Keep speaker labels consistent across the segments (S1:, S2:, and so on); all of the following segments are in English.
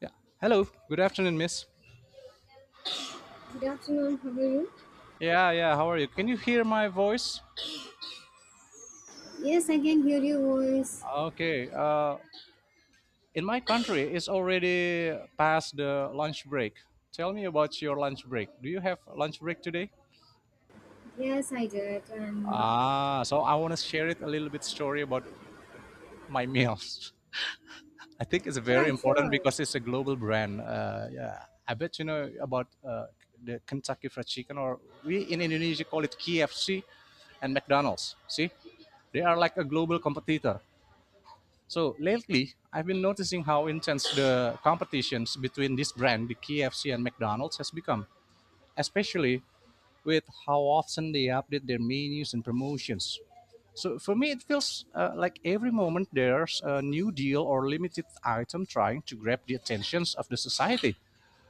S1: Yeah. Hello. Good afternoon, miss.
S2: Good afternoon, how are you?
S1: Yeah, yeah. How are you? Can you hear my voice?
S2: Yes, I can hear your voice.
S1: Okay. In my country, it's already past the lunch break. Tell me about your lunch break. Do you have lunch break today?
S2: Yes, I did. And
S1: Ah, so I want to share it a little bit story about my meals. I think it's very
S2: yeah,
S1: important
S2: sure.
S1: because it's a global brand. Yeah, I bet you know about the Kentucky Fried Chicken, or we in Indonesia call it KFC and McDonald's. See, they are like a global competitor. So lately, I've been noticing how intense the competitions between this brand, the KFC and McDonald's, has become, especially with how often they update their menus and promotions. So for me, it feels like every moment there's a new deal or limited item trying to grab the attentions of the society.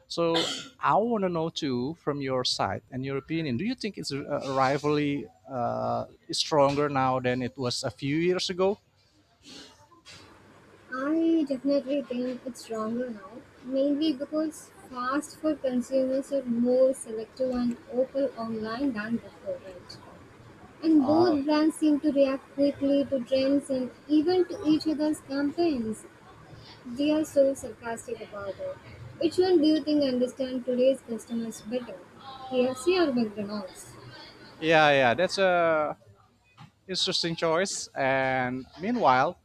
S1: So I want to know too, from your side and your opinion, do you think it's a rivalry is stronger now than it was a few years ago?
S2: I definitely think it's stronger now, mainly because fast food consumers are more selective and open online than before, right? And
S1: Ah,
S2: both brands seem to react quickly to trends and even to each other's campaigns. They are so sarcastic about it. Which one do you think understand today's customers better, KFC or McDonald's?
S1: yeah, yeah, that's a Interesting choice. And meanwhile,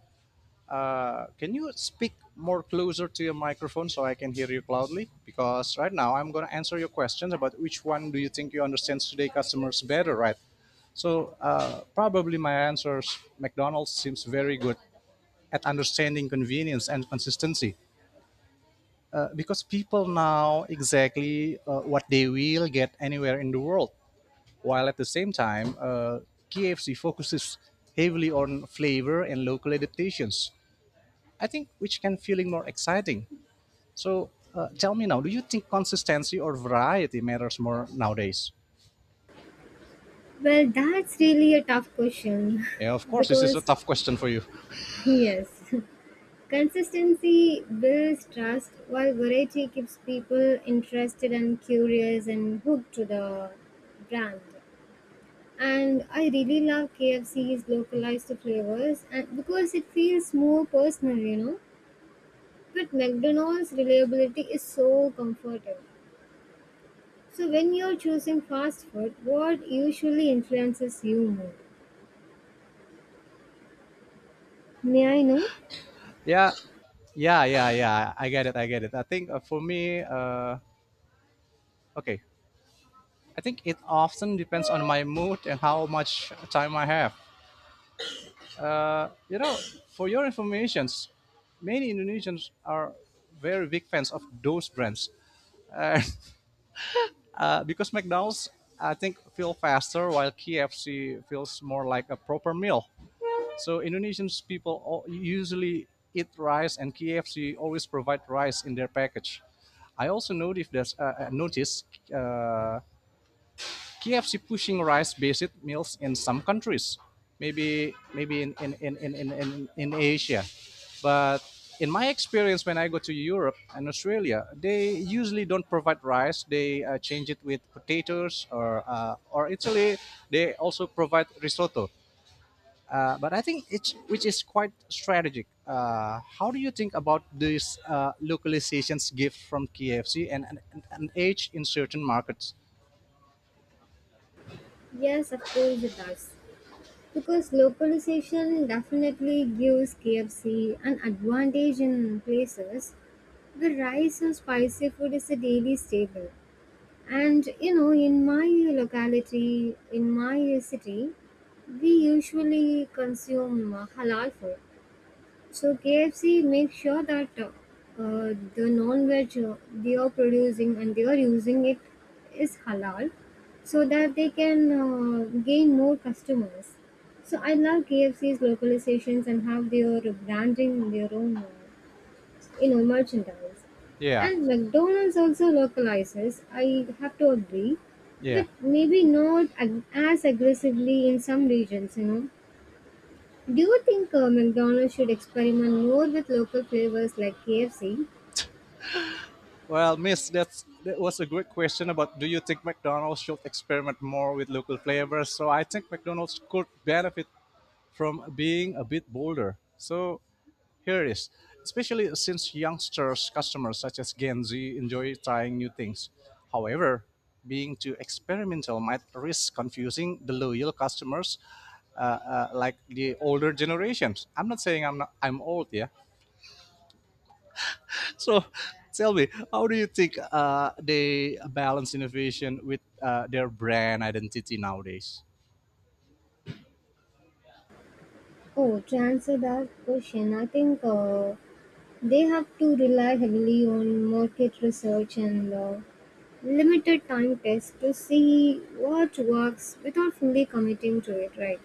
S1: can you speak more closer to your microphone so I can hear you loudly? Because right now I'm going to answer your questions about which one do you think you understand today customers better, right? So probably my answers McDonald's seems very good at understanding convenience and consistency because people now exactly what they will get anywhere in the world while at the same time, KFC focuses heavily on flavor and local adaptations. I think which can feeling more exciting. So tell me now, do you think consistency or variety matters more nowadays?
S2: Well, that's really a tough question
S1: Yeah, of course, this is a
S2: because,
S1: tough question for you.
S2: yes, consistency builds trust while variety keeps people interested and curious and hooked to the brand. And I really love KFC's localized flavors and because it feels more personal, you know. But McDonald's reliability is so comforting. So when you're choosing fast food, what usually influences you more? May I know?
S1: Yeah, yeah, yeah, yeah. I get it. I get it. I think for me, okay, I think it often depends on my mood and how much time I have. You know, for your information, many Indonesians are very big fans of those brands because McDonald's, I think, feel faster while KFC feels more like a proper meal. So Indonesians people all, usually eat rice, and KFC always provide rice in their package. I also noticed that noticed KFC pushing rice-based meals in some countries, maybe in Asia. But in my experience, when I go to Europe and Australia, they usually don't provide rice. They change it with potatoes, or Italy, they also provide risotto. But I think it's which is quite strategic. How do you think about these localizations gift from KFC and an age in certain markets?
S2: Yes, of course it does. Because localization definitely gives KFC an advantage in places where rice or spicy food is a daily staple. And you know, in my locality, in my city, we usually consume halal food. So KFC makes sure that the non-veg they are producing and they are using it is halal, so that they can gain more customers. So I love KFC's localizations and how they are branding their own, you know, merchandise.
S1: Yeah,
S2: And McDonald's also localizes. I have to agree,
S1: yeah.
S2: but maybe not as aggressively in some regions. You know, do you think McDonald's should experiment more with local flavors like KFC?
S1: Well, miss, that was a great question about do you think McDonald's should experiment more with local flavors? So I think McDonald's could benefit from being a bit bolder. So here it is. Especially since youngsters, customers such as Gen Z enjoy trying new things. However, being too experimental might risk confusing the loyal customers like the older generations. I'm not saying I'm not, I'm old, yeah. So tell me, how do you think they balance innovation with their brand identity nowadays?
S2: Oh, to answer that question, I think they have to rely heavily on market research and limited time tests to see what works without fully committing to it, right?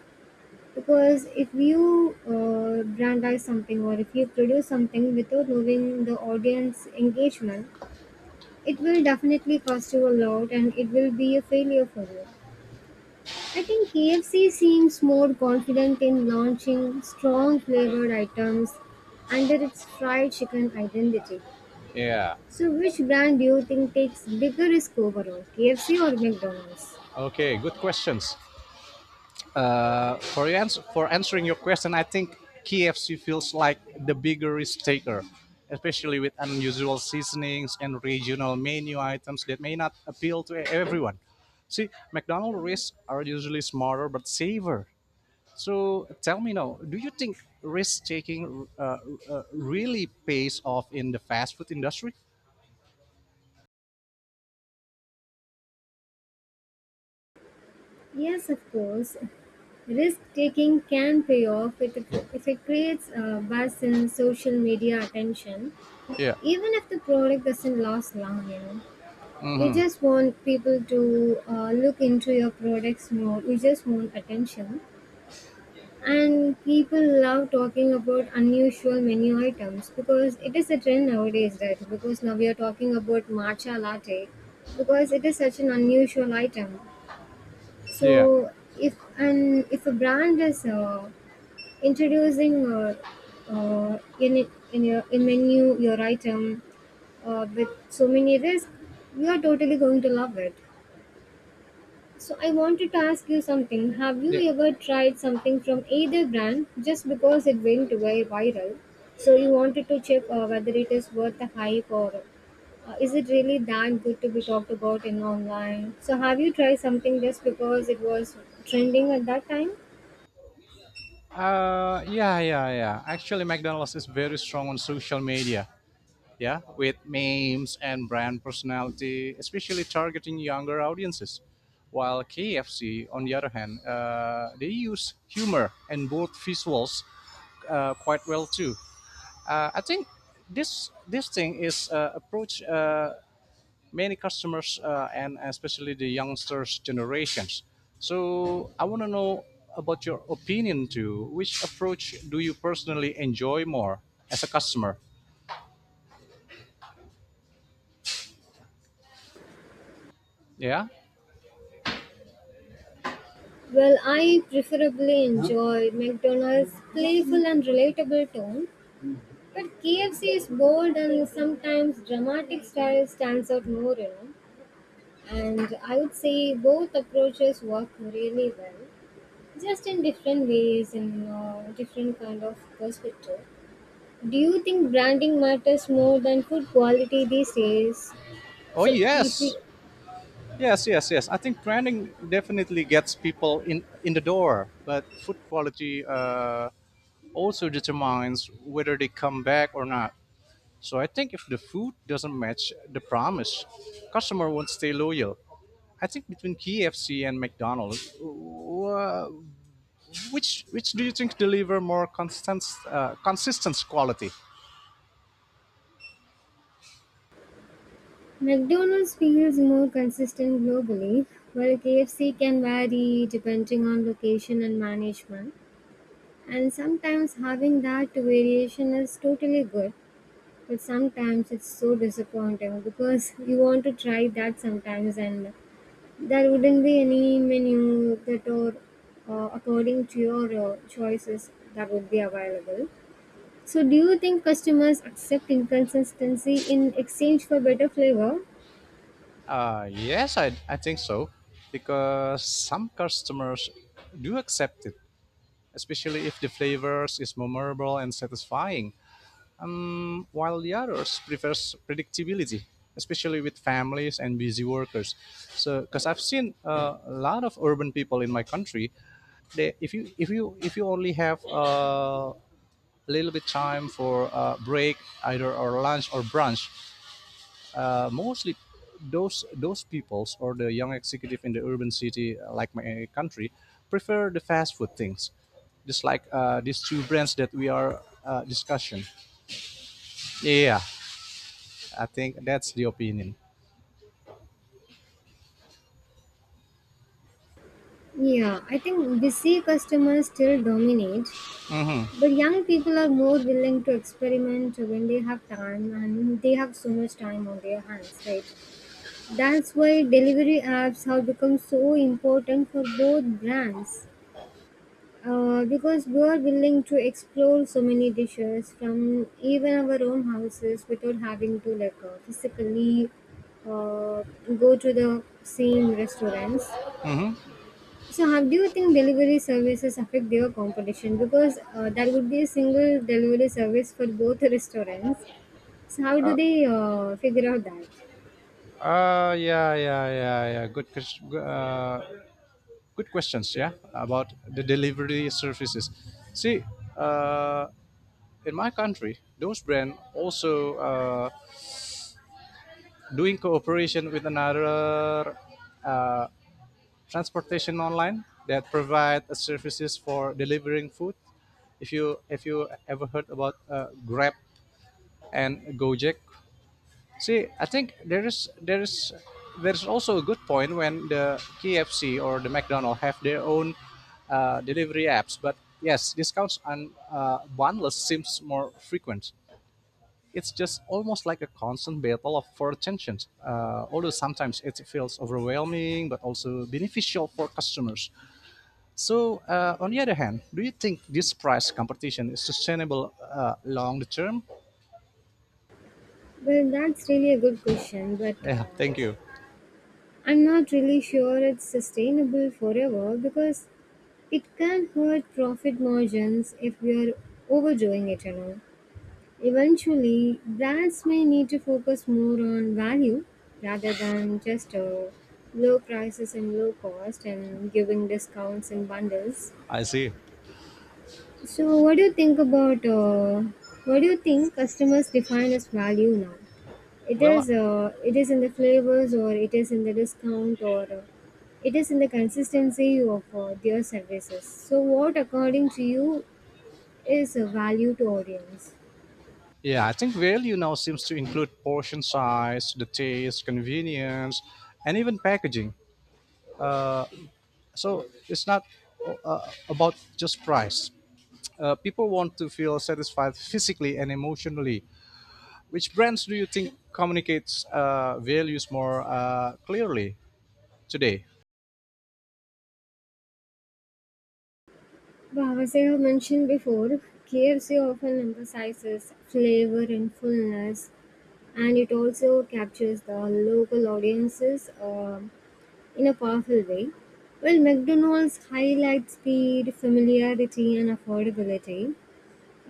S2: Because if you brandize something or if you produce something without knowing the audience engagement, it will definitely cost you a lot and it will be a failure for you. I think KFC seems more confident in launching strong flavored items under its fried chicken identity.
S1: Yeah.
S2: So, which brand do you think takes bigger risk overall, KFC or McDonald's?
S1: Okay, good questions. For answering your question, I think KFC feels like the bigger risk taker, especially with unusual seasonings and regional menu items that may not appeal to everyone. See, McDonald's risks are usually smaller but safer. So tell me now, do you think risk taking really pays off in the fast food industry?
S2: Yes, of course. Risk taking can pay off if it creates a buzz in social media attention,
S1: Yeah,
S2: even if the product doesn't last long, you know. You just want people to look into your products more, you just want attention. And people love talking about unusual menu items because it is a trend nowadays, right? Because now we are talking about matcha latte because it is such an unusual item.
S1: yeah,
S2: So if a brand is introducing in your in menu your item with so many risks, we are totally going to love it. So I wanted to ask you something. Have you
S1: yeah.
S2: ever tried something from either brand just because it went viral? So you wanted to check whether it is worth the hype or is it really that good to be talked about in online? So have you tried something just because it was trending at that time?
S1: Yeah, yeah, yeah. Actually, McDonald's is very strong on social media. Yeah, with memes and brand personality, especially targeting younger audiences. While KFC, on the other hand, they use humor and both visuals quite well too. I think this thing is approach many customers and especially the youngsters generations. So I want to know about your opinion too. Which approach do you personally enjoy more as a customer? Yeah.
S2: Well, I preferably enjoy McDonald's playful and relatable tone, but KFC's bold and sometimes dramatic style stands out more, you know. And I would say both approaches work really well, just in different ways and different kind of perspective. Do you think branding matters more than food quality these days?
S1: Oh
S2: So if we,
S1: yes. Yes, yes, yes. I think branding definitely gets people in the door, but food quality also determines whether they come back or not. So I think if the food doesn't match the promise, customer won't stay loyal. I think between KFC and McDonald's, wh- which do you think deliver more constant consistent quality?
S2: McDonald's feels more consistent globally, while KFC can vary depending on location and management. And sometimes having that variation is totally good. But sometimes it's so disappointing because you want to try that sometimes and there wouldn't be any menu that or according to your choices that would be available. So do you think customers accept inconsistency in exchange for better flavor?
S1: Uh, yes, I, I think so, because some customers do accept it, especially if the flavors is memorable and satisfying. While the others prefers predictability, especially with families and busy workers. So because I've seen a lot of urban people in my country, they if you only have a little bit time for break, either or lunch or brunch, mostly those peoples or the young executive in the urban city like my country prefer the fast food things, just like these two brands that we are discussion. Yeah, I think that's the opinion.
S2: Yeah, I think busy customers still dominate, but young people are more willing to experiment when they have time and they have so much time on their hands, right? That's why delivery apps have become so important for both brands. Because we are willing to explore so many dishes from even our own houses without having to like physically uh, go to the same restaurants. So, how do you think delivery services affect their competition? Because there would be a single delivery service for both the restaurants. So how do they figure out that?
S1: Yeah, yeah, yeah, yeah. Good questions. Yeah, about the delivery services. See, uh, in my country, those brand also doing cooperation with another uh, transportation online that provide a services for delivering food. If you ever heard about Grab and Gojek, see, I think there's also a good point when the KFC or the McDonald have their own delivery apps. But yes, discounts on bundles seems more frequent. It's just almost like a constant battle of for attention. Although sometimes it feels overwhelming, but also beneficial for customers. So, on the other hand, do you think this price competition is sustainable long term?
S2: Well, that's really a good question, but
S1: Yeah, thank you.
S2: I'm not really sure it's sustainable forever because it can hurt profit margins if we are overdoing it, you know. Eventually, brands may need to focus more on value rather than just low prices and low cost and giving discounts and bundles.
S1: I see.
S2: So, what do you think customers define as value now?
S1: Well,
S2: It is in the flavors, or it is in the discount, or it is in the consistency of their services. So, what according to you is a value to audience?
S1: yeah, I think value now seems to include portion size, the taste, convenience, and even packaging. So it's not about just price. People want to feel satisfied physically and emotionally. Which brands do you think communicates values more clearly today?
S2: Wow, as I have mentioned before, KFC often emphasizes flavor and fullness, and it also captures the local audiences in a powerful way. Well, McDonald's highlights speed, familiarity, and affordability,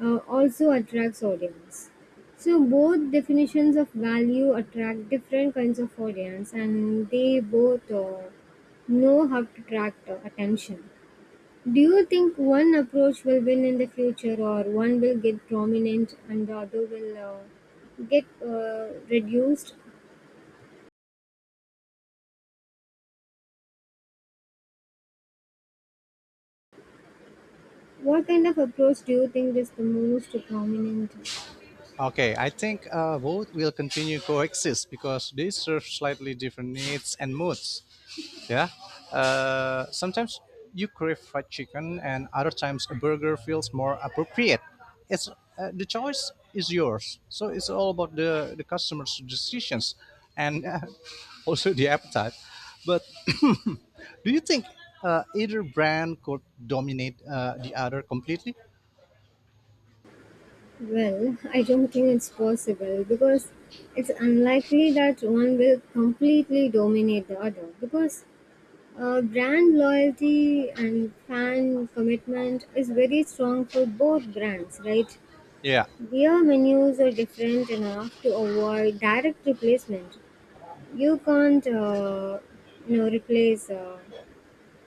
S2: also attracts audience. So both definitions of value attract different kinds of audience, and they both know how to attract attention. Do you think one approach will win in the future, or one will get prominent and the other will get reduced? What kind of approach do you think is the most prominent?
S1: Okay, I think both will continue coexist because they serve slightly different needs and moods. Yeah. Sometimes you crave fried chicken, and other times a burger feels more appropriate. It's the choice is yours. So it's all about the customer's decisions, and also the appetite. But do you think either brand could dominate the other completely?
S2: Well, I don't think it's possible because it's unlikely that one will completely dominate the other because brand loyalty and fan commitment is very strong for both brands, right?
S1: Yeah.
S2: Beer menus are different enough to avoid direct replacement. You can't, you know, replace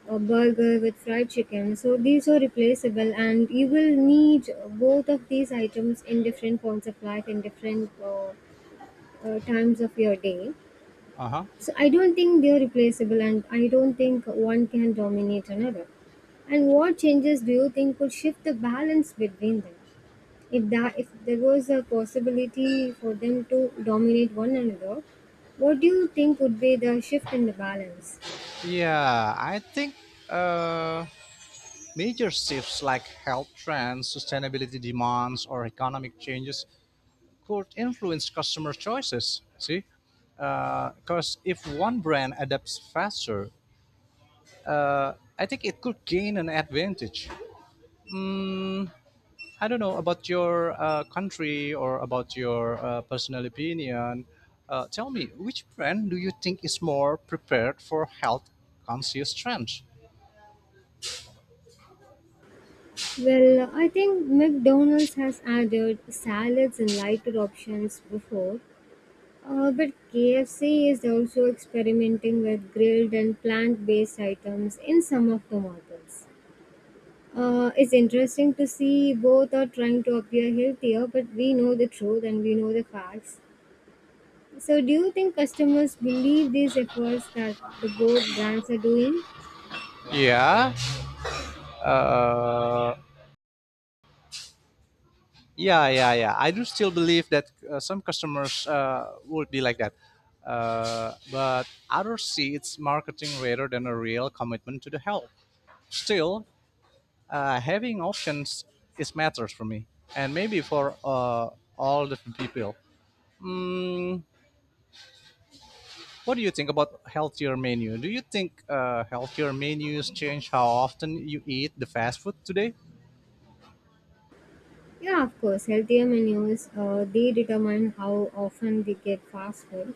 S2: a burger with fried chicken. So these are replaceable, and you will need both of these items in different points of life, in different times of your day.
S1: Uh huh.
S2: So I don't think they are replaceable, and I don't think one can dominate another. And what changes do you think could shift the balance between them? If there was a possibility for them to dominate one another, what do you think would be the shift in the balance?
S1: Yeah, I think uh, major shifts like health trends, sustainability demands, or economic changes could influence customer choices. See, because if one brand adapts faster, I think it could gain an advantage. I don't know about your country or about your personal opinion. Tell me, which brand do you think is more prepared for health conscious trends?
S2: Well, I think McDonald's has added salads and lighter options before, but KFC is also experimenting with grilled and plant based items in some of the models. It's interesting to see both are trying to appear healthier, but we know the truth and we know the facts. So, do you think customers believe these efforts that the both brands are doing?
S1: Yeah, yeah, yeah, yeah. I do still believe that some customers would be like that, but others see it's marketing rather than a real commitment to the health. Still, having options is matters for me, and maybe for all the people. What do you think about healthier menu? Do you think healthier menus change how often you eat the fast food today?
S2: Yeah, of course. Healthier menus, they determine how often they get fast food.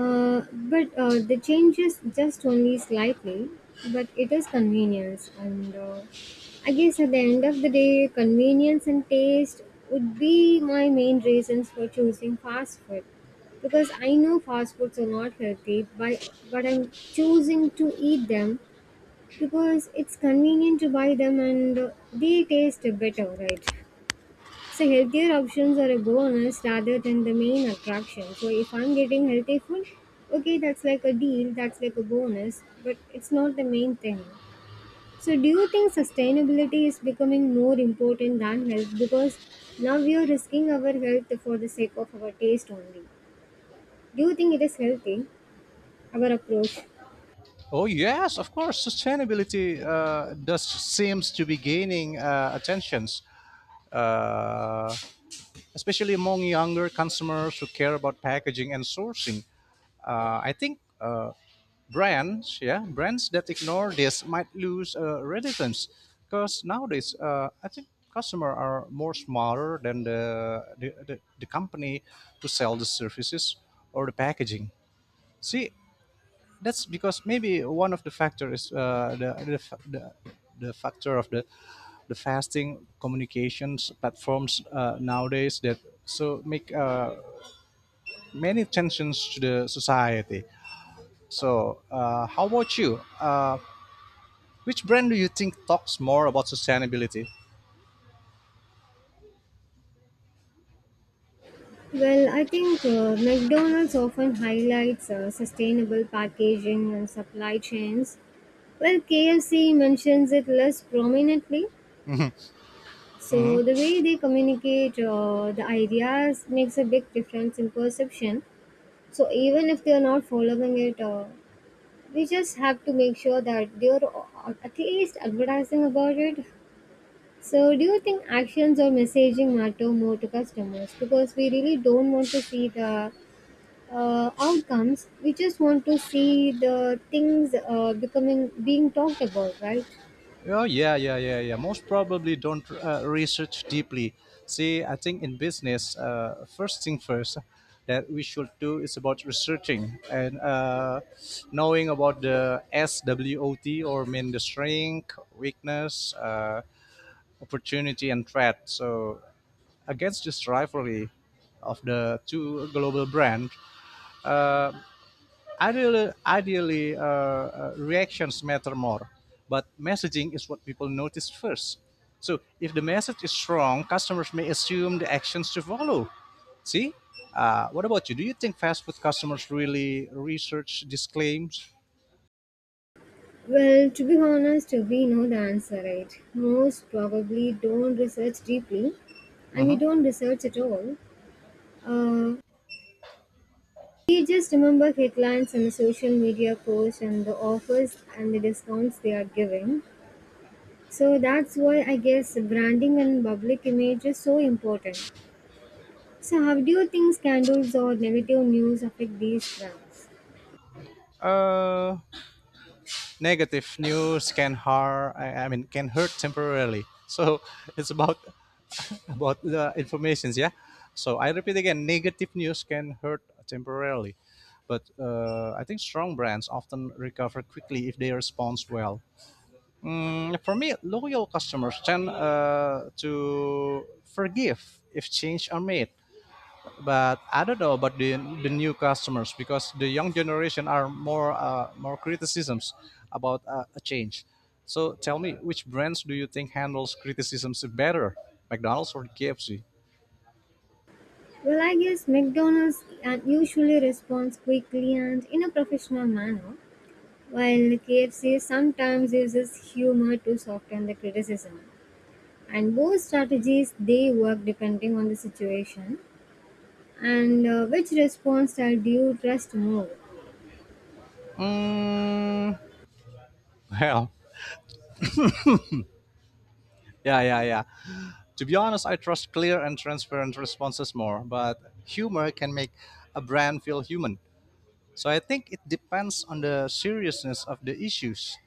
S2: But the changes just only slightly, but it is convenience. And I guess at the end of the day, convenience and taste would be my main reasons for choosing fast food because I know fast foods are not healthy, but I'm choosing to eat them because it's convenient to buy them and they taste better, right? So healthier options are a bonus rather than the main attraction. So if I'm getting healthy food, okay, that's like a deal, that's like a bonus, but it's not the main thing. So do you think sustainability is becoming more important than health because now we are risking our health for the sake of our taste only? Do you think it is healthy, our approach?
S1: Oh yes, of course. Sustainability does seems to be gaining attentions, uh, especially among younger consumers who care about packaging and sourcing. I think brands that ignore this might lose relevance because nowadays, I think customers are more smarter than the company to sell the services or the packaging. See, that's because maybe one of the factors, the factor of the fasting communications platforms nowadays that so make many tensions to the society. So, how about you? Which brand do you think talks more about sustainability?
S2: Well, I think McDonald's often highlights sustainable packaging and supply chains. Well, KFC mentions it less prominently. So, the way they communicate the ideas makes a big difference in perception. So, even if they are not following it, we just have to make sure that they are at least advertising about it. So, do you think actions or messaging matter more to customers? Because we really don't want to see the outcomes. We just want to see the things becoming being talked about, right?
S1: Oh yeah, yeah, yeah, yeah. Most probably don't research deeply. See, I think in business, first thing first that we should do is about researching and knowing about the SWOT or mean the strength, weakness, opportunity, and threat. So against this rivalry of the two global brands, ideally, reactions matter more, but messaging is what people notice first. So if the message is strong, customers may assume the actions to follow. See, what about you? Do you think fast food customers really research these claims?
S2: Well, to be honest, we know the answer, right? Most probably don't research deeply, and we
S1: Mhm.
S2: don't research at all. Uh, we just remember headlines and the social media posts and the offers and the discounts they are giving. So that's why I guess branding and public image is so important. So, how do you think scandals or negative news affect these brands?
S1: Uh, Negative news can harm. I mean, can hurt temporarily. So it's about the informations, yeah. So I repeat again, negative news can hurt temporarily, but I think strong brands often recover quickly if they respond well. For me, loyal customers tend to forgive if change are made, but I don't know about the new customers, because the young generation are more more criticisms about a change. So tell me, which brands do you think handles criticisms better, McDonald's or KFC?
S2: Well, I guess McDonald's usually responds quickly and in a professional manner, while KFC sometimes uses humor to soften the criticism. And both strategies they work depending on the situation and which response style do you trust more.
S1: Mm. Well, yeah, yeah, yeah, to be honest, I trust clear and transparent responses more, but humor can make a brand feel human. So I think it depends on the seriousness of the issues.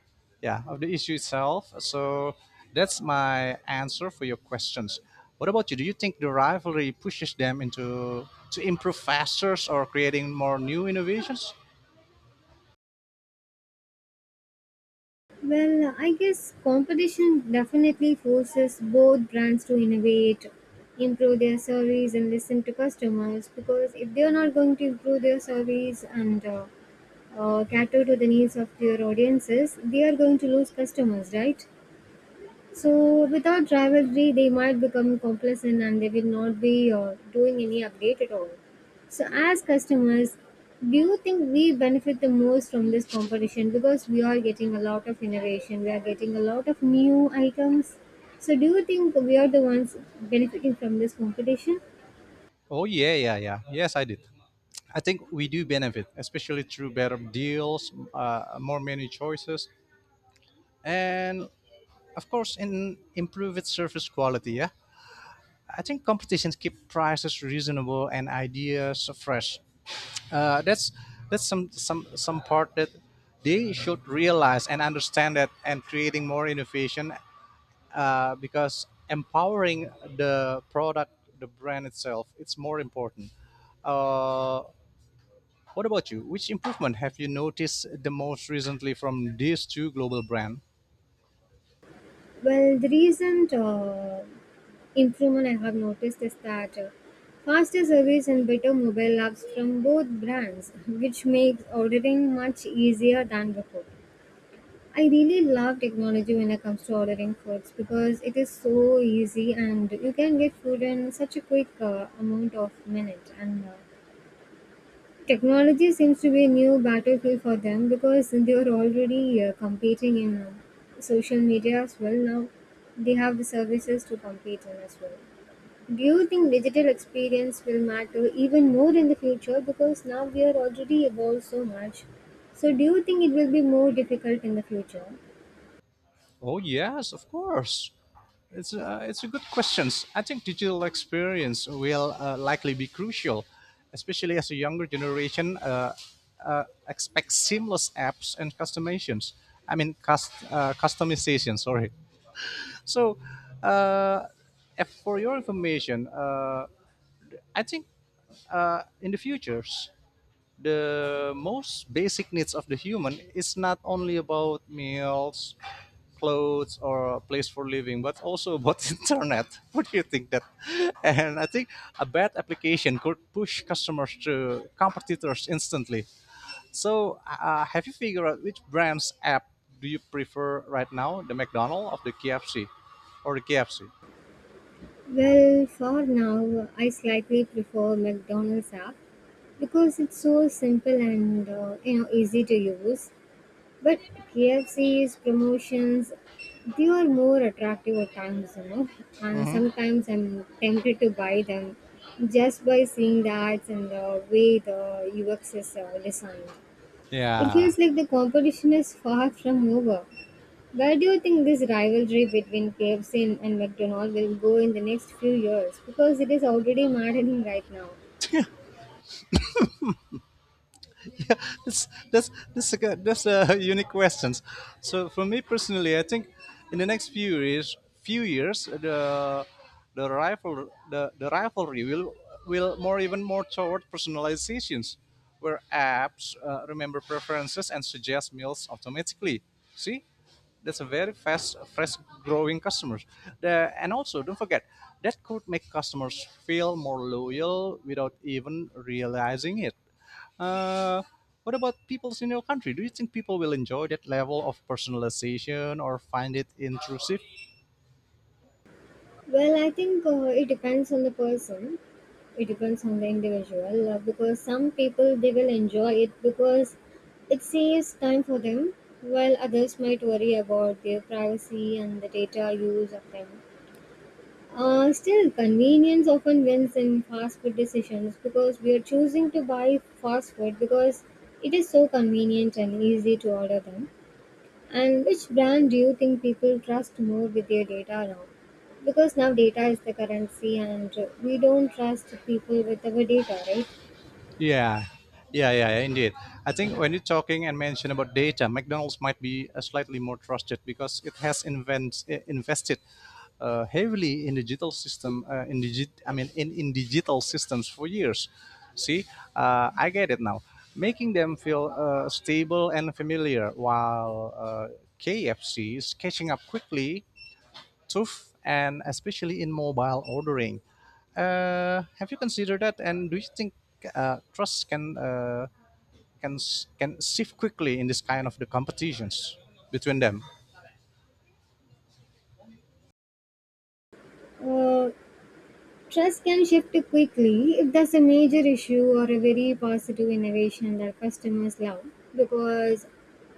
S1: Yeah, of the issue itself. So that's my answer for your questions. What about you? Do you think the rivalry pushes them into to improve faster or creating more new innovations?
S2: Well, I guess competition definitely forces both brands to innovate, improve their service, and listen to customers. Because if they are not going to improve their service and cater to the needs of their audiences, they are going to lose customers, right? So without rivalry, they might become complacent and they will not be doing any update at all. So as customers, do you think we benefit the most from this competition because we are getting a lot of innovation, we are getting a lot of new items. So do you think we are the ones benefiting from this competition?
S1: Oh yeah, yeah, yeah. Yes, I did. I think we do benefit, especially through better deals, more menu choices, and of course, in improved service quality. Yeah, I think competitions keep prices reasonable and ideas fresh. Uh, that's that's Some part that they should realize and understand that, and creating more innovation because empowering the product, the brand itself, it's more important. Uh, What about you? Which improvement have you noticed the most recently from these two global brands?
S2: Well, the recent improvement I have noticed is that faster service and better mobile apps from both brands, which makes ordering much easier than before. I really love technology when it comes to ordering foods because it is so easy and you can get food in such a quick amount of minute and technology seems to be a new battlefield for them because they are already competing in social media as well. Now they have the services to compete in as well. Do you think digital experience will matter even more in the future because now we are already evolved so much? So, do you think it will be more difficult in the future?
S1: Oh yes, of course. It's a good questions. I think digital experience will likely be crucial, especially as a younger generation expects seamless apps and customizations. I mean, customization. Sorry. So, uh, for your information, I think in the futures, the most basic needs of the human is not only about meals, clothes, or a place for living, but also about internet. What do you think that? And I think a bad application could push customers to competitors instantly. So, have you figured out which brand's app do you prefer right now? The McDonald's of the KFC, or the KFC?
S2: Well, for now, I slightly prefer McDonald's app because it's so simple and you know easy to use. But KFC's promotions, they are more attractive at times, you know. And sometimes I'm tempted to buy them just by seeing the ads and the way the UX is designed. It
S1: Yeah.
S2: feels like the competition is far from over. Where do you think this rivalry between KFC and McDonald's will go in the next few years? Because it is already maddening right now.
S1: That's a unique questions. So for me personally, I think in the next few years, the rivalry will more even more toward personalizations, where apps remember preferences and suggest meals automatically. See, that's a very fast, growing customers. And also, don't forget that could make customers feel more loyal without even realizing it. Uh, what about peoples in your country? Do you think people will enjoy that level of personalization or find it intrusive?
S2: Well, I think it depends on the person. It depends on the individual because some people they will enjoy it because it saves time for them, while others might worry about their privacy and the data use of them. Still, convenience often wins in fast food decisions because we are choosing to buy fast food because it is so convenient and easy to order them. And which brand do you think people trust more with their data now? Because now data is the currency and we don't trust people with our data, right?
S1: Yeah, yeah, yeah, yeah, indeed. I think when you're talking and mention about data, McDonald's might be slightly more trusted because it has invested heavily in digital system, I mean, in digital systems for years. See, I get it now. Making them feel stable and familiar, while KFC is catching up quickly tough, and especially in mobile ordering. Have you considered that? And do you think trust can can shift quickly in this kind of the competitions between them?
S2: Uh, trust can shift quickly if there's a major issue or a very positive innovation that customers love. Because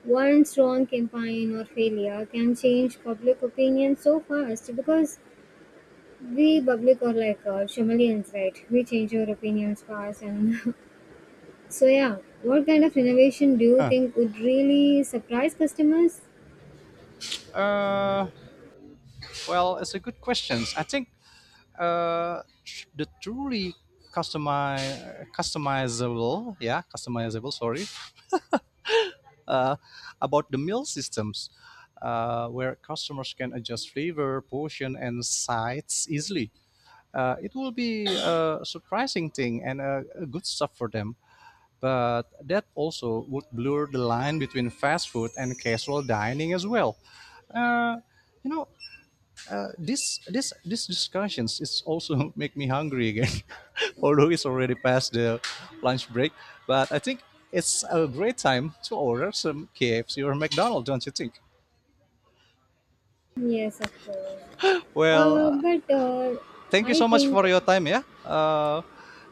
S2: one strong campaign or failure can change public opinion so fast because we public are like chameleons, right? We change our opinions fast and so yeah, what kind of innovation do you
S1: Huh.
S2: think would really surprise customers?
S1: Uh, well, it's a good question. I think the truly customizable, yeah, customizable. Sorry, uh, about the meal systems, where customers can adjust flavor, portion, and sides easily. It will be a surprising thing and a good stuff for them. But that also would blur the line between fast food and casual dining as well. Uh, you know, this discussions is also make me hungry again, although it's already past the lunch break. But I think it's a great time to order some KFC or McDonald's, don't you think?
S2: Yes, of course. Uh,
S1: Well,
S2: but uh,
S1: thank you
S2: I
S1: so much
S2: think
S1: for your time, yeah.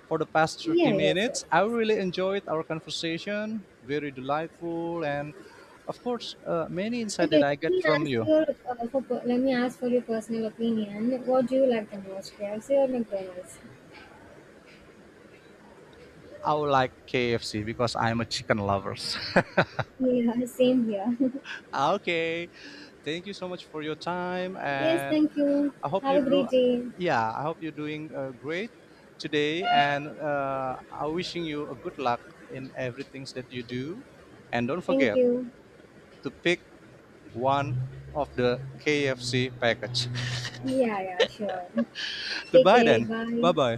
S1: For the past 30
S2: yeah, yes, yes,
S1: minutes, I
S2: yes.
S1: really enjoyed our conversation. Very delightful, and of course, many insight that
S2: Okay,
S1: I
S2: let
S1: get
S2: me
S1: from
S2: ask
S1: you.
S2: your let me ask for your personal opinion. What do you like the most, KFC or McDonald's?
S1: I would like KFC because I'm a chicken lover.
S2: Yeah, same here.
S1: Okay, thank you so much for your time,
S2: Yes,
S1: and
S2: thank you.
S1: I hope
S2: Have
S1: you
S2: a
S1: do.
S2: great day.
S1: Yeah, I hope you're doing great today, and I'm wishing you a good luck in everything that you do. And don't
S2: Thank
S1: forget,
S2: you.
S1: to pick one of the KFC package.
S2: Yeah, yeah, sure. Take
S1: Goodbye
S2: care.
S1: then.
S2: Bye.
S1: Bye bye.